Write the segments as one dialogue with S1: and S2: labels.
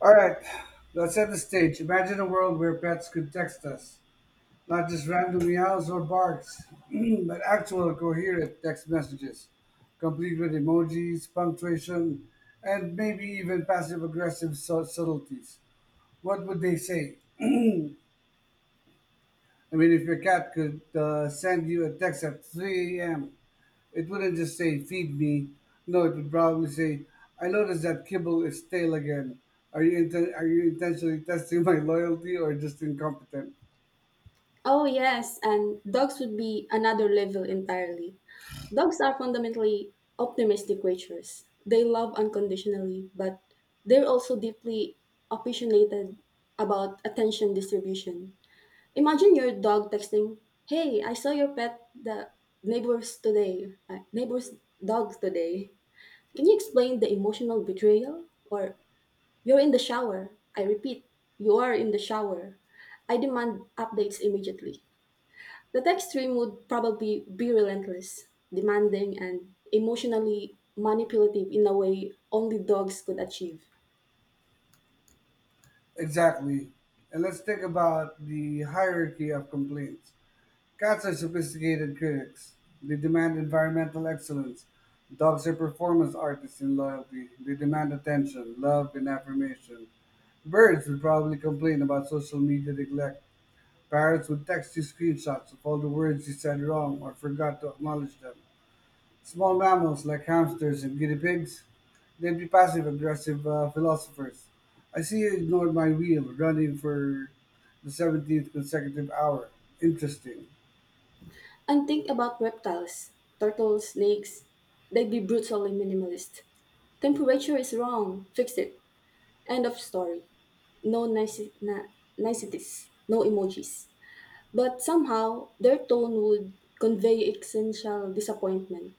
S1: All right, let's set the stage. Imagine a world where pets could text us, not just random meows or barks, but actual coherent text messages, complete with emojis, punctuation, and maybe even passive aggressive subtleties. What would they say? I mean, if your cat could send you a text at 3 a.m., it wouldn't just say, feed me. No, it would probably say, I noticed that kibble is stale again. Are you intentionally testing my loyalty or just incompetent?
S2: Oh, yes, and dogs would be another level entirely. Dogs are fundamentally optimistic creatures. They love unconditionally, but they're also deeply opinionated about attention distribution. Imagine your dog texting, "Hey, I saw your pet the neighbors today, neighbors' dogs today. Can you explain the emotional betrayal?" Or, "You're in the shower. I repeat, you are in the shower. I demand updates immediately." The text stream would probably be relentless, demanding, and emotionally manipulative in a way only dogs could achieve.
S1: Exactly. And let's think about the hierarchy of complaints. Cats are sophisticated critics. They demand environmental excellence. Dogs are performance artists in loyalty. They demand attention, love, and affirmation. Birds would probably complain about social media neglect. Parrots would text you screenshots of all the words you said wrong or forgot to acknowledge them. Small mammals like hamsters and guinea pigs, they'd be passive aggressive philosophers. I see you ignored my wheel, running for the 17th consecutive hour. Interesting.
S2: And think about reptiles, turtles, snakes. They'd be brutally minimalist. Temperature is wrong, fix it. End of story. No niceties, no emojis, but somehow their tone would convey existential disappointment.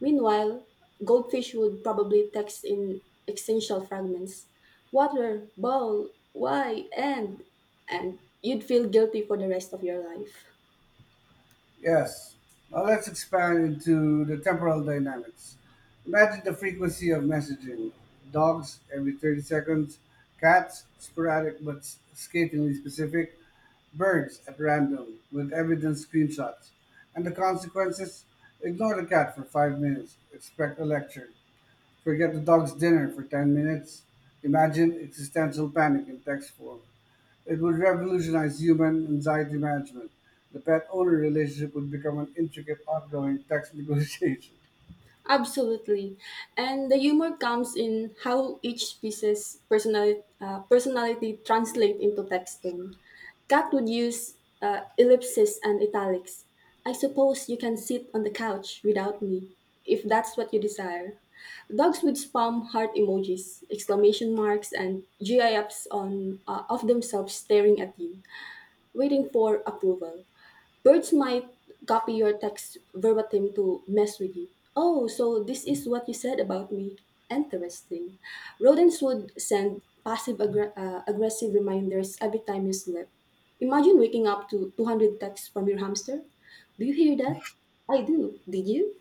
S2: Meanwhile, goldfish would probably text in existential fragments: water, bowl, why, and you'd feel guilty for the rest of your life.
S1: Yes. Now let's expand into the temporal dynamics. Imagine the frequency of messaging. Dogs every 30 seconds, cats sporadic but scathingly specific, birds at random with evidence screenshots, and the consequences, ignore the cat for 5 minutes, expect a lecture, forget the dog's dinner for 10 minutes, imagine existential panic in text form. It would revolutionize human anxiety management. The pet owner relationship would become an intricate, ongoing text negotiation.
S2: Absolutely. And the humor comes in how each piece's personality translate into text tone. Kat would use ellipses and italics. I suppose you can sit on the couch without me, if that's what you desire. Dogs would spam heart emojis, exclamation marks, and GIFs on of themselves staring at you, waiting for approval. Birds might copy your text verbatim to mess with you. Oh, so this is what you said about me. Interesting. Rodents would send passive aggressive reminders every time you slept. Imagine waking up to 200 texts from your hamster. Do you hear that? I do. Did you?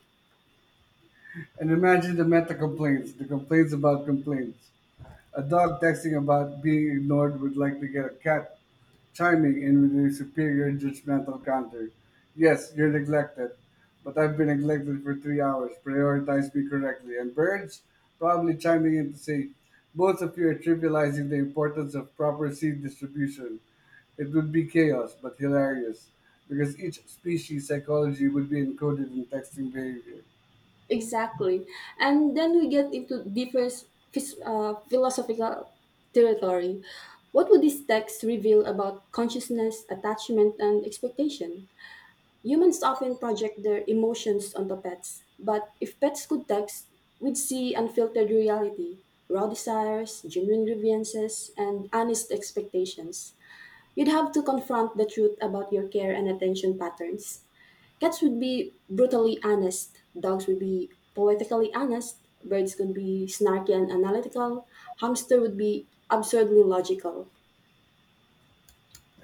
S1: And imagine the meta complaints, the complaints about complaints. A dog texting about being ignored would likely get a cat chiming in with her superior judgmental counter. Yes, you're neglected, but I've been neglected for 3 hours. Prioritize me correctly. And birds, probably chiming in to say, both of you are trivializing the importance of proper seed distribution. It would be chaos, but hilarious, because each species' psychology would be encoded in texting behavior.
S2: Exactly. And then we get into different philosophical territory. What would these texts reveal about consciousness, attachment, and expectation? Humans often project their emotions onto pets, but if pets could text, we'd see unfiltered reality, raw desires, genuine grievances, and honest expectations. You'd have to confront the truth about your care and attention patterns. Cats would be brutally honest, dogs would be poetically honest, birds could be snarky and analytical, hamster would be absurdly logical.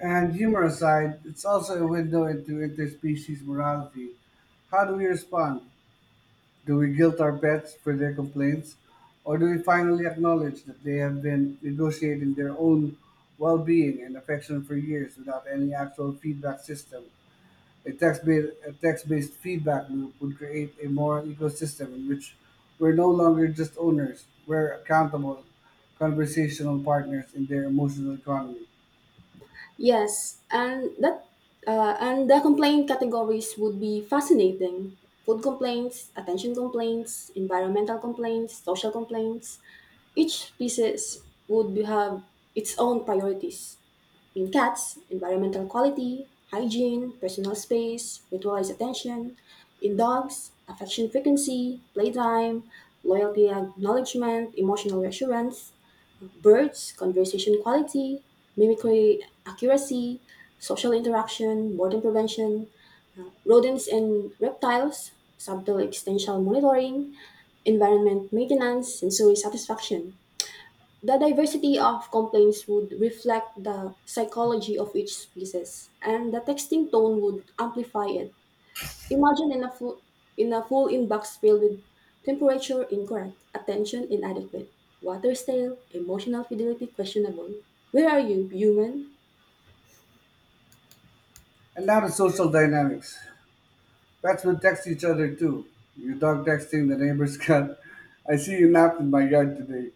S1: And humor aside, it's also a window into interspecies morality. How do we respond? Do we guilt our pets for their complaints, or do we finally acknowledge that they have been negotiating their own well being and affection for years without any actual feedback system? A text-based feedback loop would create a moral ecosystem in which we're no longer just owners, we're accountable conversational partners in their emotional economy.
S2: Yes, and that and the complaint categories would be fascinating. Food complaints, attention complaints, environmental complaints, social complaints. Each species would have its own priorities. In cats: environmental quality, hygiene, personal space, ritualized attention. In dogs: affection frequency, playtime, loyalty acknowledgement, emotional reassurance. Birds: conversation quality, mimicry accuracy, social interaction, boredom prevention. Rodents and reptiles: subtle existential monitoring, environment maintenance, sensory satisfaction. The diversity of complaints would reflect the psychology of each species, and the texting tone would amplify it. Imagine in a full inbox filled with temperature incorrect, attention inadequate, water stale, emotional fidelity questionable. Where are you, human?
S1: And now the social dynamics. Pets will text each other too. Your dog texting the neighbor's cat. I see you napped in my yard today.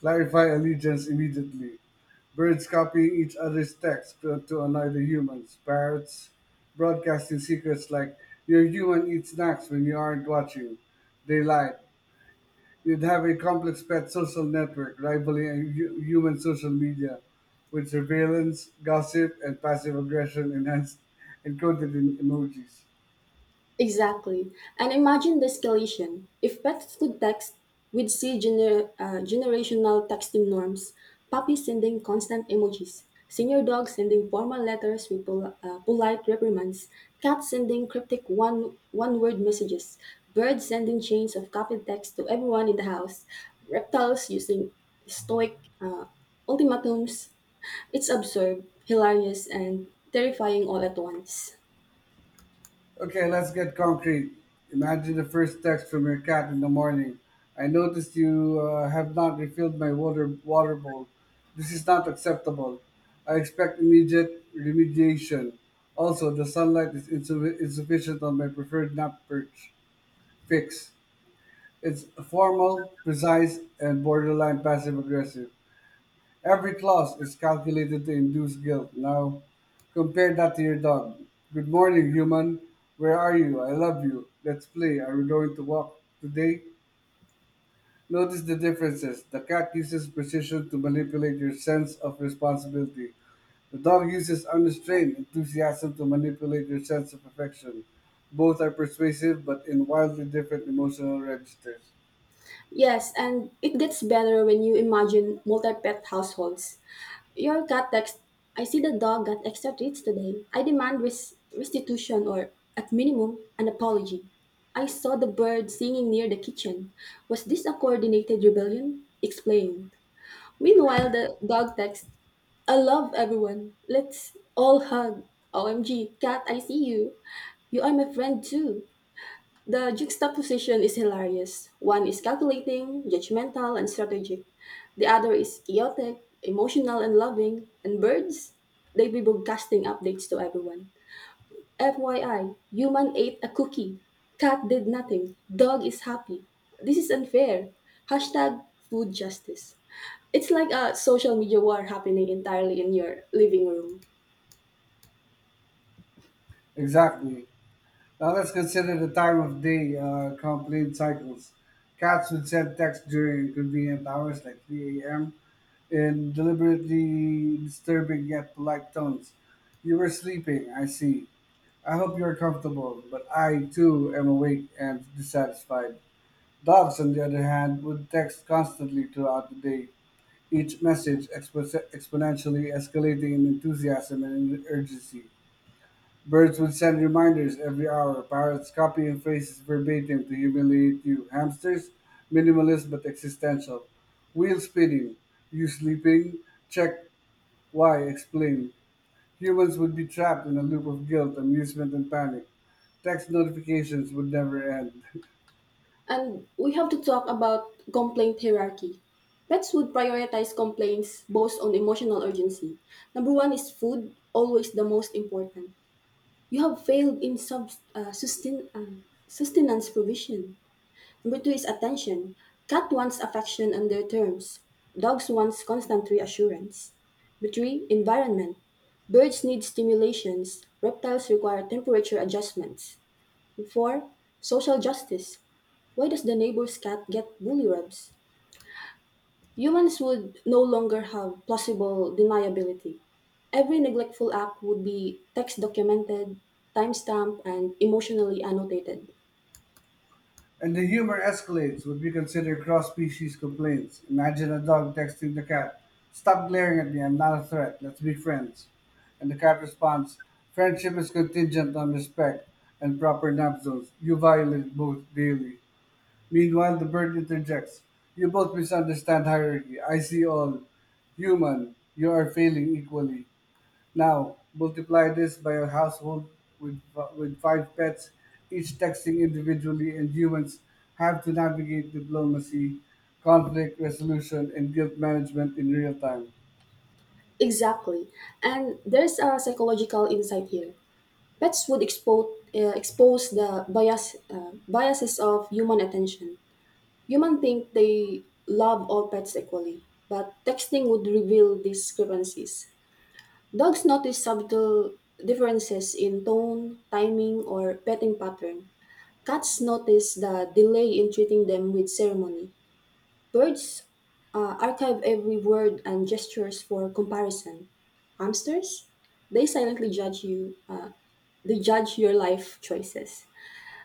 S1: Clarify allegiance immediately. Birds copying each other's texts to annoy the humans. Parrots broadcasting secrets like your human eats snacks when you aren't watching. They lied. You'd have a complex pet social network rivaling a human social media with surveillance, gossip, and passive aggression enhanced encoded in emojis.
S2: Exactly. And imagine the escalation. If pets could text, we'd see generational texting norms: puppies sending constant emojis, senior dogs sending formal letters with polite reprimands, cats sending cryptic one word messages, birds sending chains of copied text to everyone in the house, reptiles using stoic ultimatums. It's absurd, hilarious, and terrifying all at once.
S1: Okay, let's get concrete. Imagine the first text from your cat in the morning. I noticed you have not refilled my water bowl. This is not acceptable. I expect immediate remediation. Also, the sunlight is insufficient on my preferred nap perch. Fix. It's formal, precise, and borderline passive aggressive. Every clause is calculated to induce guilt. Now, compare that to your dog. Good morning, human. Where are you? I love you. Let's play. Are we going to walk today? Notice the differences. The cat uses precision to manipulate your sense of responsibility. The dog uses unrestrained enthusiasm to manipulate your sense of affection. Both are persuasive, but in wildly different emotional registers.
S2: Yes, and it gets better when you imagine multi pet households. Your cat text, I see the dog got extra treats today. I demand restitution or, at minimum, an apology. I saw the bird singing near the kitchen. Was this a coordinated rebellion? Explain. Meanwhile, the dog text, I love everyone. Let's all hug. OMG, cat, I see you. You are my friend too. The juxtaposition is hilarious. One is calculating, judgmental, and strategic. The other is chaotic, emotional, and loving. And birds, they be broadcasting updates to everyone. FYI, human ate a cookie. Cat did nothing. Dog is happy. This is unfair. Hashtag food justice. It's like a social media war happening entirely in your living room.
S1: Exactly. Now let's consider the time of day complaint cycles. Cats would send texts during inconvenient hours like 3 a.m. in deliberately disturbing yet polite tones. You were sleeping, I see. I hope you're comfortable, but I too am awake and dissatisfied. Dogs, on the other hand, would text constantly throughout the day, each message exponentially escalating in enthusiasm and urgency. Birds would send reminders every hour, parrots copying phrases verbatim to humiliate you, hamsters, minimalist but existential, wheel spinning, you sleeping, check, why, explain. Humans would be trapped in a loop of guilt, amusement, and panic. Text notifications would never end.
S2: And we have to talk about complaint hierarchy. Pets would prioritize complaints based on emotional urgency. Number one is food, always the most important. You have failed in sustenance provision. Number two is attention. Cat wants affection on their terms. Dogs wants constant reassurance. Number three, environment. Birds need stimulations. Reptiles require temperature adjustments. 4. Social justice. Why does the neighbor's cat get bully rubs? Humans would no longer have plausible deniability. Every neglectful act would be text documented, timestamped, and emotionally annotated.
S1: And the humor escalates what we consider cross species complaints. Imagine a dog texting the cat, stop glaring at me, I'm not a threat, let's be friends. And the cat responds, friendship is contingent on respect and proper nap zones. You violate both daily. Meanwhile, the bird interjects, you both misunderstand hierarchy. I see all. Human, you are failing equally. Now, multiply this by a household with, with five pets, each texting individually, and humans have to navigate diplomacy, conflict resolution, and guilt management in real time.
S2: Exactly. And there's a psychological insight here. Pets would expose the biases of human attention. Humans think they love all pets equally, but texting would reveal discrepancies. Dogs notice subtle differences in tone, timing, or petting pattern. Cats notice the delay in treating them with ceremony. Birds archive every word and gestures for comparison. Hamsters, they silently judge you. They judge your life choices.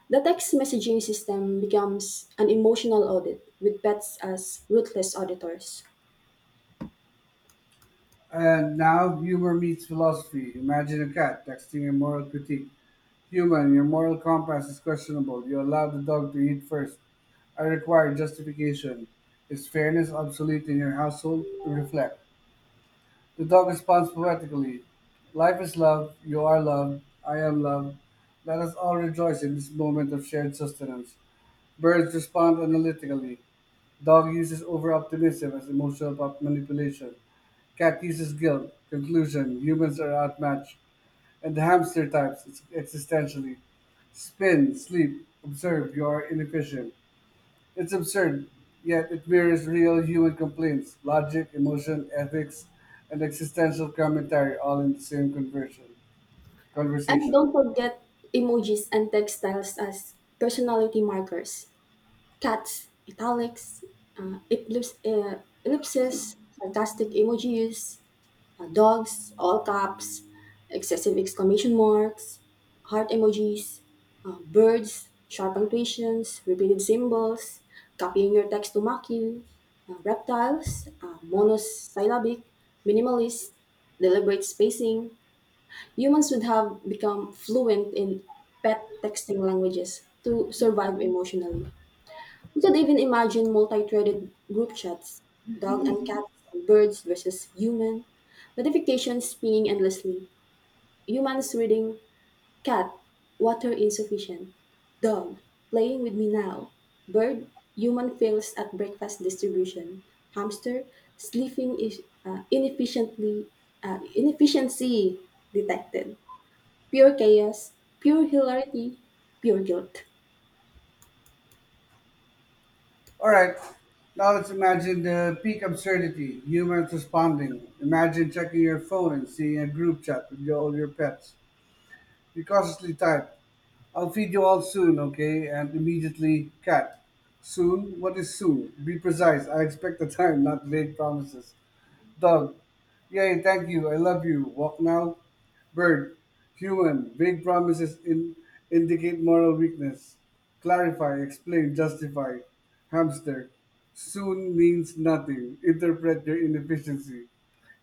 S2: The text messaging system becomes an emotional audit with pets as ruthless auditors.
S1: And now, humor meets philosophy. Imagine a cat texting a moral critique. Human, your moral compass is questionable. You allow the dog to eat first. I require justification. Is fairness obsolete in your household? Reflect. The dog responds poetically: life is love, you are love, I am love. Let us all rejoice in this moment of shared sustenance. Birds respond analytically. Dog uses over-optimism as emotional manipulation. Cat uses guilt. Conclusion: humans are outmatched. And the hamster types existentially. Spin, sleep, observe, you are inefficient. It's absurd, yet it mirrors real human complaints, logic, emotion, ethics, and existential commentary all in the same
S2: And don't
S1: conversation.
S2: forget emojis and textiles as personality markers. Cats: italics, ellipses, sarcastic emojis. Uh, dogs: all caps, excessive exclamation marks, heart emojis. Uh, birds: sharp punctuations, repeated symbols, copying your text to mock you. Uh, reptiles: monosyllabic, minimalist, deliberate spacing. Humans would have become fluent in pet texting languages to survive emotionally. You could even imagine multi-threaded group chats: dog and cats, birds versus human, notifications pinging endlessly, humans reading: cat, water insufficient; dog, playing with me now; bird, human fails at breakfast distribution; hamster, sleeping is, uh, inefficiently, inefficiency detected. Pure chaos, pure hilarity, pure guilt.
S1: All right, now let's imagine the peak absurdity, humans responding. Imagine checking your phone and seeing a group chat with all your pets. You cautiously type, I'll feed you all soon, okay? And immediately, cat. Soon? What is soon? Be precise. I expect the time, not vague promises. Dog, yay, thank you, I love you, walk now. Bird, human, vague promises indicate moral weakness. Clarify, explain, justify. Hamster, soon means nothing, interpret their inefficiency.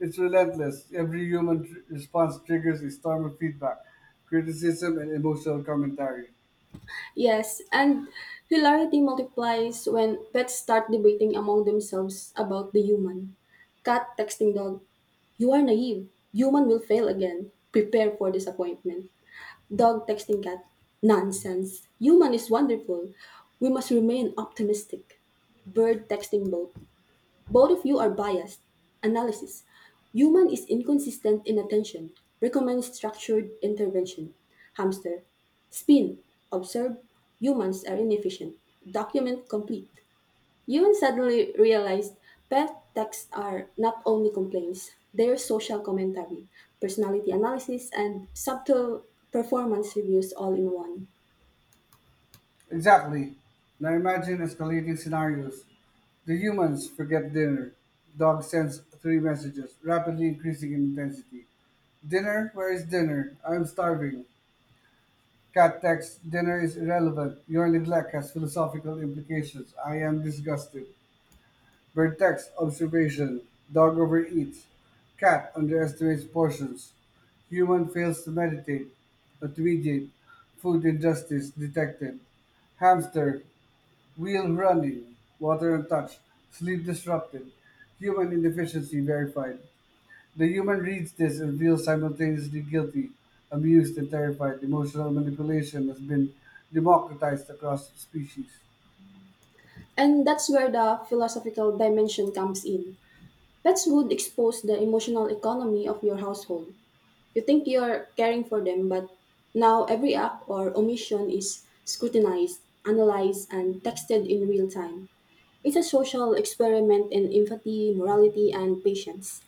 S1: It's relentless. Every human response triggers a storm of feedback, criticism, and emotional commentary.
S2: Yes, and hilarity multiplies when pets start debating among themselves about the human. Cat texting dog, you are naive. Human will fail again. Prepare for disappointment. Dog texting cat, nonsense. Human is wonderful. We must remain optimistic. Bird texting boat, both of you are biased. Analysis. Human is inconsistent in attention. Recommend structured intervention. Hamster. Spin. Observe. Humans are inefficient. Document complete. Ewan suddenly realized pet texts are not only complaints, they're social commentary, personality analysis, and subtle performance reviews all in one.
S1: Exactly. Now imagine escalating scenarios. The humans forget dinner. Dog sends three messages, rapidly increasing in intensity. Dinner? Where is dinner? I'm starving. Cat texts, dinner is irrelevant. Your neglect has philosophical implications. I am disgusted. Bird texts, observation. Dog overeats. Cat underestimates portions. Human fails to meditate, but mediate. Food injustice detected. Hamster, wheel running, water untouched, sleep disrupted, human inefficiency verified. The human reads this and feels simultaneously guilty, amused, and terrified. Emotional manipulation has been democratized across species.
S2: And that's where the philosophical dimension comes in. Pets would expose the emotional economy of your household. You think you're caring for them, but now every act or omission is scrutinized, analyzed, and texted in real time. It's a social experiment in empathy, morality, and patience.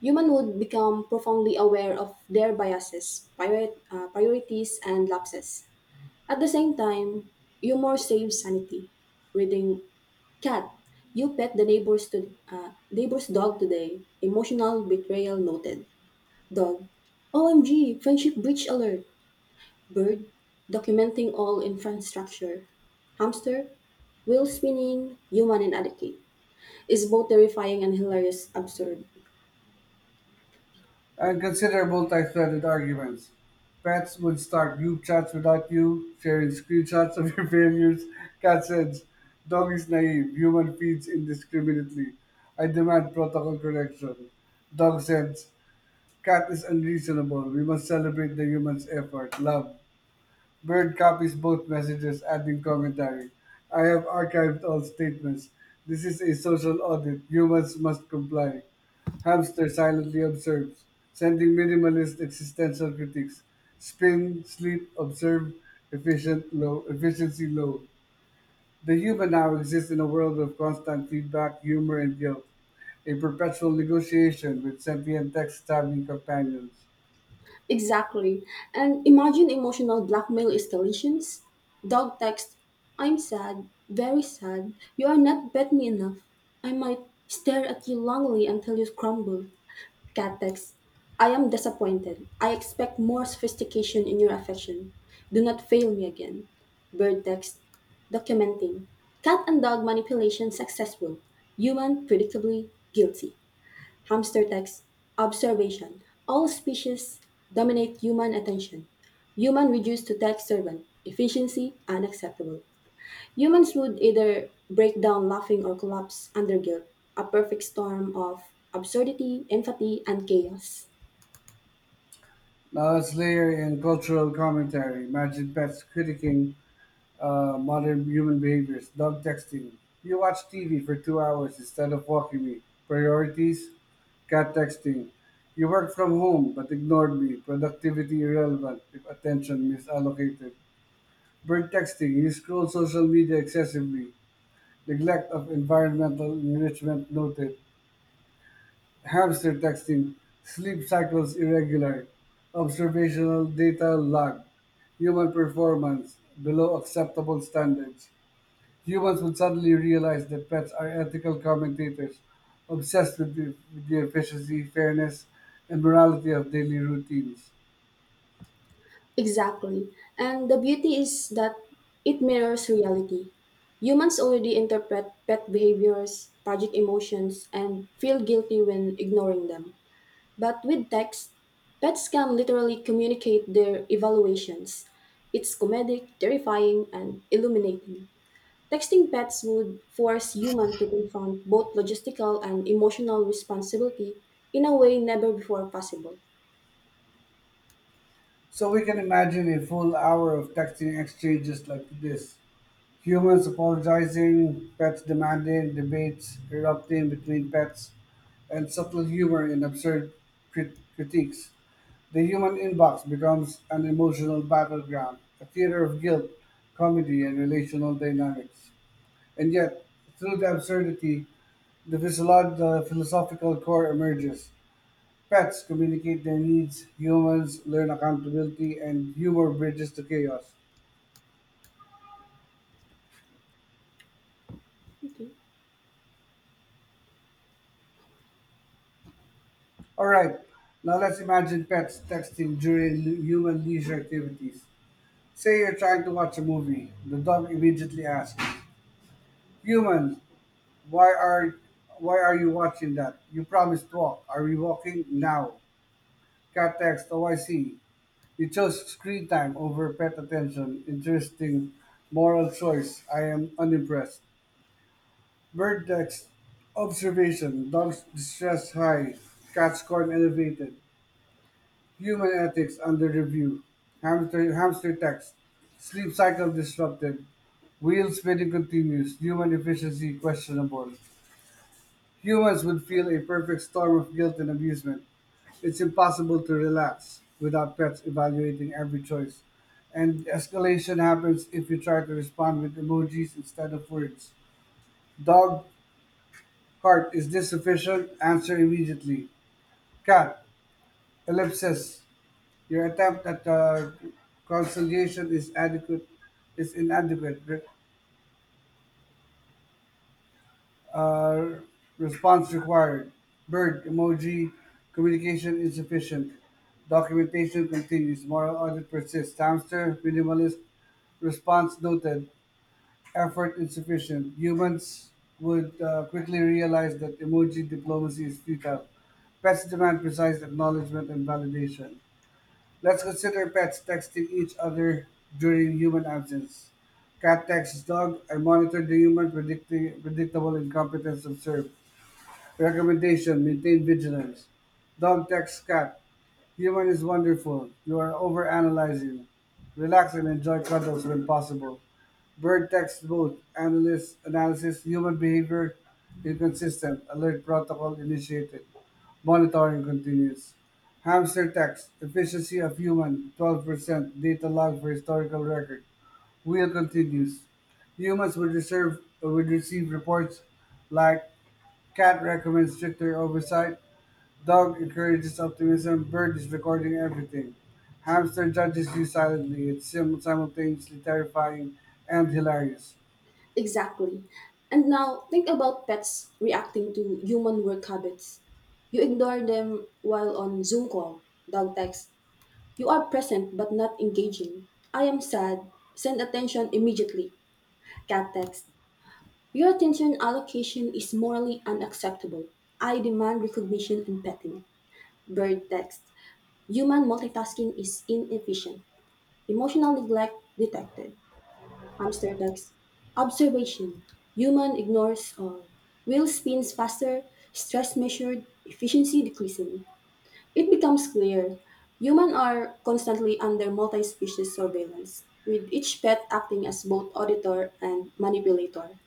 S2: Human would become profoundly aware of their biases, priorities, and lapses. At the same time, humor saves sanity. Reading: cat, you pet the neighbor's dog today. Emotional betrayal noted. Dog. OMG, friendship breach alert. Bird, documenting all infrastructure. Hamster, wheel spinning, human inadequate. Is both terrifying and hilarious absurd.
S1: And consider multi threaded arguments. Pets would start group chats without you, sharing screenshots of your failures. Cat says, dog is naive, human feeds indiscriminately. I demand protocol correction. Dog says, cat is unreasonable. We must celebrate the human's effort. Love. Bird copies both messages, adding commentary. I have archived all statements. This is a social audit. Humans must comply. Hamster silently observes, sending minimalist existential critiques. Spin, sleep, observe, efficient, low, efficiency, low. The human now exists in a world of constant feedback, humor, and guilt, a perpetual negotiation with sentient text-savvy companions.
S2: Exactly. And imagine emotional blackmail escalations. Dog text, I'm sad, very sad. You are not pet me enough. I might stare at you longingly until you crumble. Catex, I am disappointed. I expect more sophistication in your affection. Do not fail me again. Bird text, documenting. Cat and dog manipulation successful. Human predictably guilty. Hamster text, observation. All species dominate human attention. Human reduced to tech servant. Efficiency unacceptable. Humans would either break down laughing or collapse under guilt. A perfect storm of absurdity, empathy, and chaos.
S1: Now, Knowledge-layer in cultural commentary. Imagine pets critiquing modern human behaviors. Dog texting. You watch TV for 2 hours instead of walking me. Priorities. Cat texting. You work from home but ignored me. Productivity irrelevant if attention misallocated. Bird texting. You scroll social media excessively. Neglect of environmental enrichment noted. Hamster texting, sleep cycles irregular, observational data lag, human performance below acceptable standards. Humans would suddenly realize that pets are ethical commentators, obsessed with the efficiency, fairness, and morality of daily routines.
S2: Exactly. And the beauty is that it mirrors reality. Humans already interpret pet behaviors, project emotions, and feel guilty when ignoring them. But with text, pets can literally communicate their evaluations. It's comedic, terrifying, and illuminating. Texting pets would force humans to confront both logistical and emotional responsibility in a way never before possible.
S1: So we can imagine a full hour of texting exchanges like this. Humans apologizing, pets demanding, debates erupting between pets, and subtle humor in absurd critiques. The human inbox becomes an emotional battleground, a theater of guilt, comedy, and relational dynamics. And yet, through the absurdity, the philosophical core emerges. Pets communicate their needs, humans learn accountability, and humor bridges the chaos.
S2: Okay.
S1: All right, now let's imagine pets texting during human leisure activities. Say you're trying to watch a movie. The dog immediately asks, "Human, why are why are you watching that? You promised walk. Are we walking now?" Cat text, "Oh, I see. You chose screen time over pet attention. Interesting moral choice. I am unimpressed." Bird text, observation. Dogs distress high. Cats scorn elevated. Human ethics under review. Hamster text. Sleep cycle disrupted. Wheel spinning continues. Human efficiency questionable. Humans would feel a perfect storm of guilt and amusement. It's impossible to relax without pets evaluating every choice. And escalation happens if you try to respond with emojis instead of words. Dog, heart, is this sufficient? Answer immediately. Cat, ellipsis. Your attempt at conciliation is inadequate. Uh, Response required. Bird emoji communication insufficient. Documentation continues. Moral audit persists. Hamster minimalist response noted. Effort insufficient. Humans would quickly realize that emoji diplomacy is futile. Pets demand precise acknowledgement and validation. Let's consider pets texting each other during human absence. Cat texts dog, I monitor the human, predictable incompetence observed. Recommendation: maintain vigilance. Dog texts cat, human is wonderful. You are overanalyzing. Relax and enjoy cuddles when possible. Bird text both. Analyst analysis. Human behavior inconsistent. Alert protocol initiated. Monitoring continues. Hamster text. Efficiency of human 12%. Data log for historical record. Wheel continues. Humans would, would receive reports like cat recommends stricter oversight, dog encourages optimism, bird is recording everything. Hamster judges you silently. It's simultaneously terrifying and hilarious.
S2: Exactly. And now think about pets reacting to human work habits. You ignore them while on Zoom call, dog text. You are present but not engaging. I am sad. Send attention immediately. Cat text. Your attention allocation is morally unacceptable. I demand recognition and petting. Bird text. Human multitasking is inefficient. Emotional neglect detected. Hamster ducks. Observation. Human ignores all. Wheel spins faster, stress measured, efficiency decreasing. It becomes clear humans are constantly under multi species surveillance, with each pet acting as both auditor and manipulator.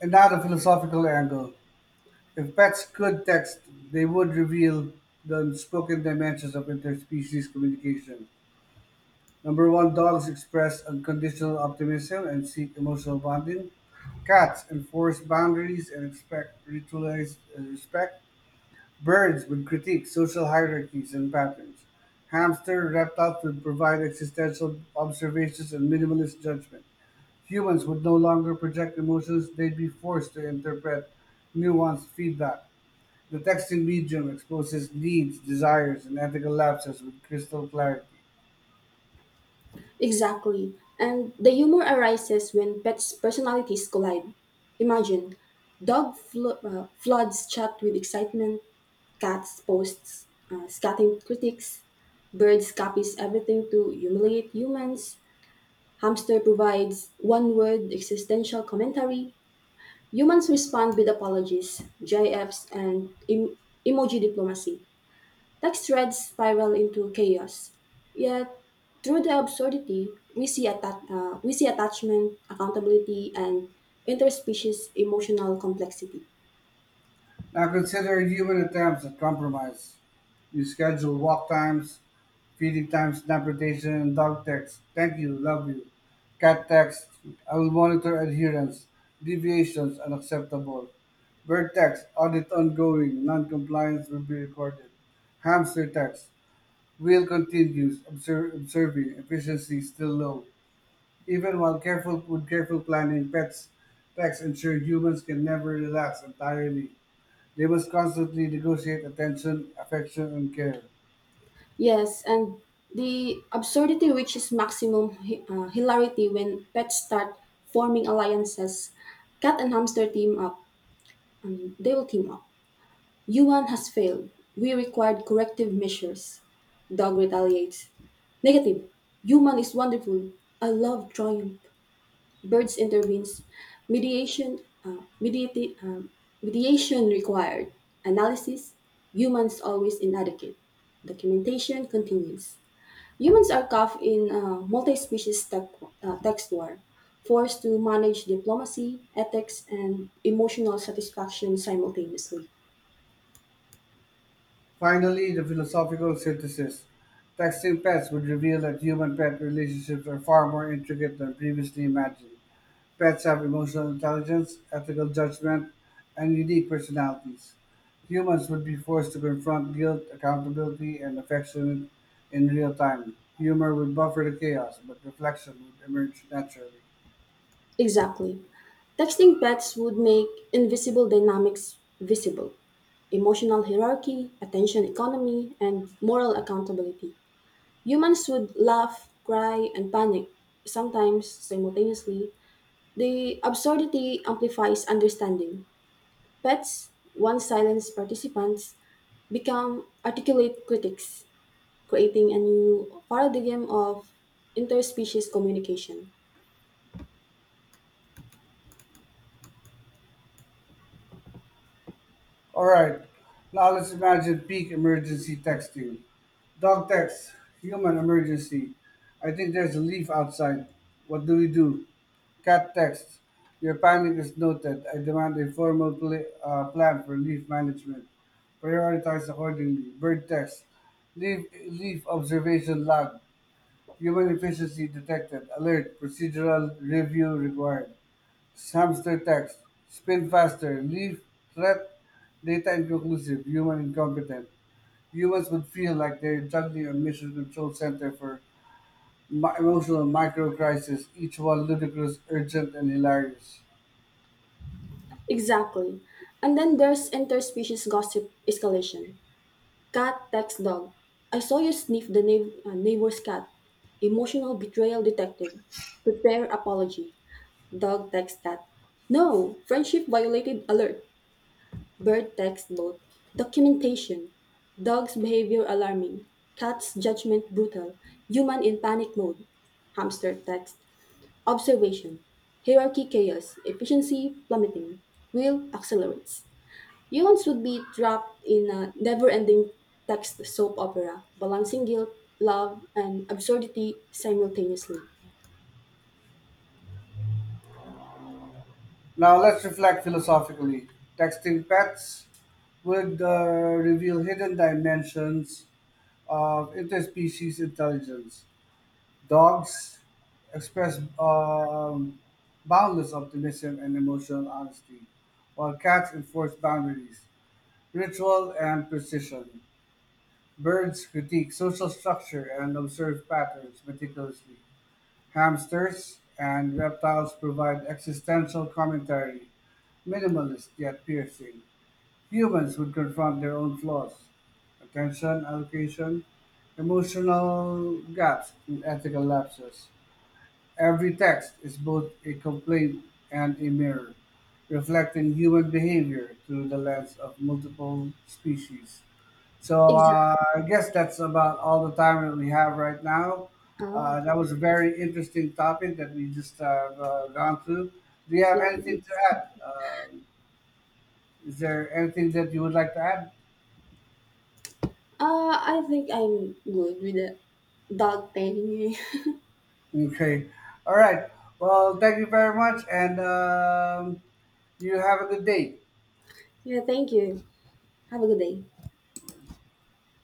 S1: And now the philosophical angle. If pets could text, they would reveal the unspoken dimensions of interspecies communication. Number one, dogs express unconditional optimism and seek emotional bonding. Cats enforce boundaries and expect ritualized respect. Birds would critique social hierarchies and patterns. Hamster reptiles would provide existential observations and minimalist judgment. Humans would no longer project emotions, they'd be forced to interpret nuanced feedback. The texting medium exposes needs, desires, and ethical lapses with crystal clarity.
S2: Exactly. And the humor arises when pets' personalities collide. Imagine floods chat with excitement, cats posts scathing critics, birds copies everything to humiliate humans. Hamster provides one word existential commentary. Humans respond with apologies, GIFs, and emoji diplomacy. Text threads spiral into chaos. Yet, through the absurdity, we see attachment, accountability, and interspecies emotional complexity.
S1: Now consider human attempts at compromise. You schedule walk times, feeding times, nap rotation, dog text, thank you, love you, cat text, I will monitor adherence, deviations unacceptable, bird text, audit ongoing, non-compliance will be recorded, hamster text, wheel continues, observe, observing, efficiency still low. Even while careful planning, pets text ensure humans can never relax entirely. They must constantly negotiate attention, affection, and care.
S2: Yes, and the absurdity reaches maximum hilarity when pets start forming alliances. Cat and hamster team up. I mean, they will team up. Yuan has failed. We required corrective measures. Dog retaliates. Negative. Human is wonderful. I love triumph. Birds intervenes. Mediation. Uh, mediati- um, Mediation required. Analysis. Humans always inadequate. Documentation continues. Humans are caught in a multi species tech, text war, forced to manage diplomacy, ethics, and emotional satisfaction simultaneously.
S1: Finally, the philosophical synthesis. Texting pets would reveal that human pet relationships are far more intricate than previously imagined. Pets have emotional intelligence, ethical judgment, and unique personalities. Humans would be forced to confront guilt, accountability, and affection in real time. Humor would buffer the chaos, but reflection would emerge naturally.
S2: Exactly. Texting pets would make invisible dynamics visible: emotional hierarchy, attention economy, and moral accountability. Humans would laugh, cry, and panic, sometimes simultaneously. The absurdity amplifies understanding. Pets, once silenced participants, become articulate critics, creating a new paradigm of interspecies communication.
S1: All right. Now let's imagine peak emergency texting. Dog text, human emergency. I think there's a leaf outside. What do we do? Cat text. Your panic is noted. I demand a formal plan for leaf management. Prioritize accordingly. Bird text. Leaf, leaf observation log. Human efficiency detected. Alert. Procedural review required. Hamster text. Spin faster. Leave threat. Data inconclusive. Human incompetent. Humans would feel like they're juggling a mission control center for emotional micro crisis, each one ludicrous, urgent, and hilarious.
S2: Exactly. And then there's interspecies gossip escalation. Cat text dog. I saw you sniff the neighbor's cat. Emotional betrayal detected. Prepare apology. Dog text cat. No, friendship violated alert. Bird text both. Documentation. Dog's behavior alarming. Cat's judgment brutal. Human in panic mode. Hamster text. Observation. Hierarchy chaos. Efficiency plummeting. Wheel accelerates. Humans would be trapped in a never ending text soap opera, balancing guilt, love, and absurdity simultaneously.
S1: Now let's reflect philosophically. Texting pets would reveal hidden dimensions of interspecies intelligence. Dogs express boundless optimism and emotional honesty, while cats enforce boundaries, ritual, and precision. Birds critique social structure and observe patterns meticulously. Hamsters and reptiles provide existential commentary, minimalist yet piercing. Humans would confront their own flaws, attention allocation, emotional gaps, and ethical lapses. Every text is both a complaint and a mirror, reflecting human behavior through the lens of multiple species. So
S2: Exactly.
S1: I guess that's about all the time that we have right now.
S2: Oh,
S1: That was a very interesting topic that we just have gone through. Do you have
S2: yeah, it
S1: anything to
S2: is.
S1: add? Is there anything that you would like to add?
S2: I think I'm good with the dog thing.
S1: Okay. All right. Well, thank you very much, and you have a good day.
S2: Yeah, thank you. Have a good day.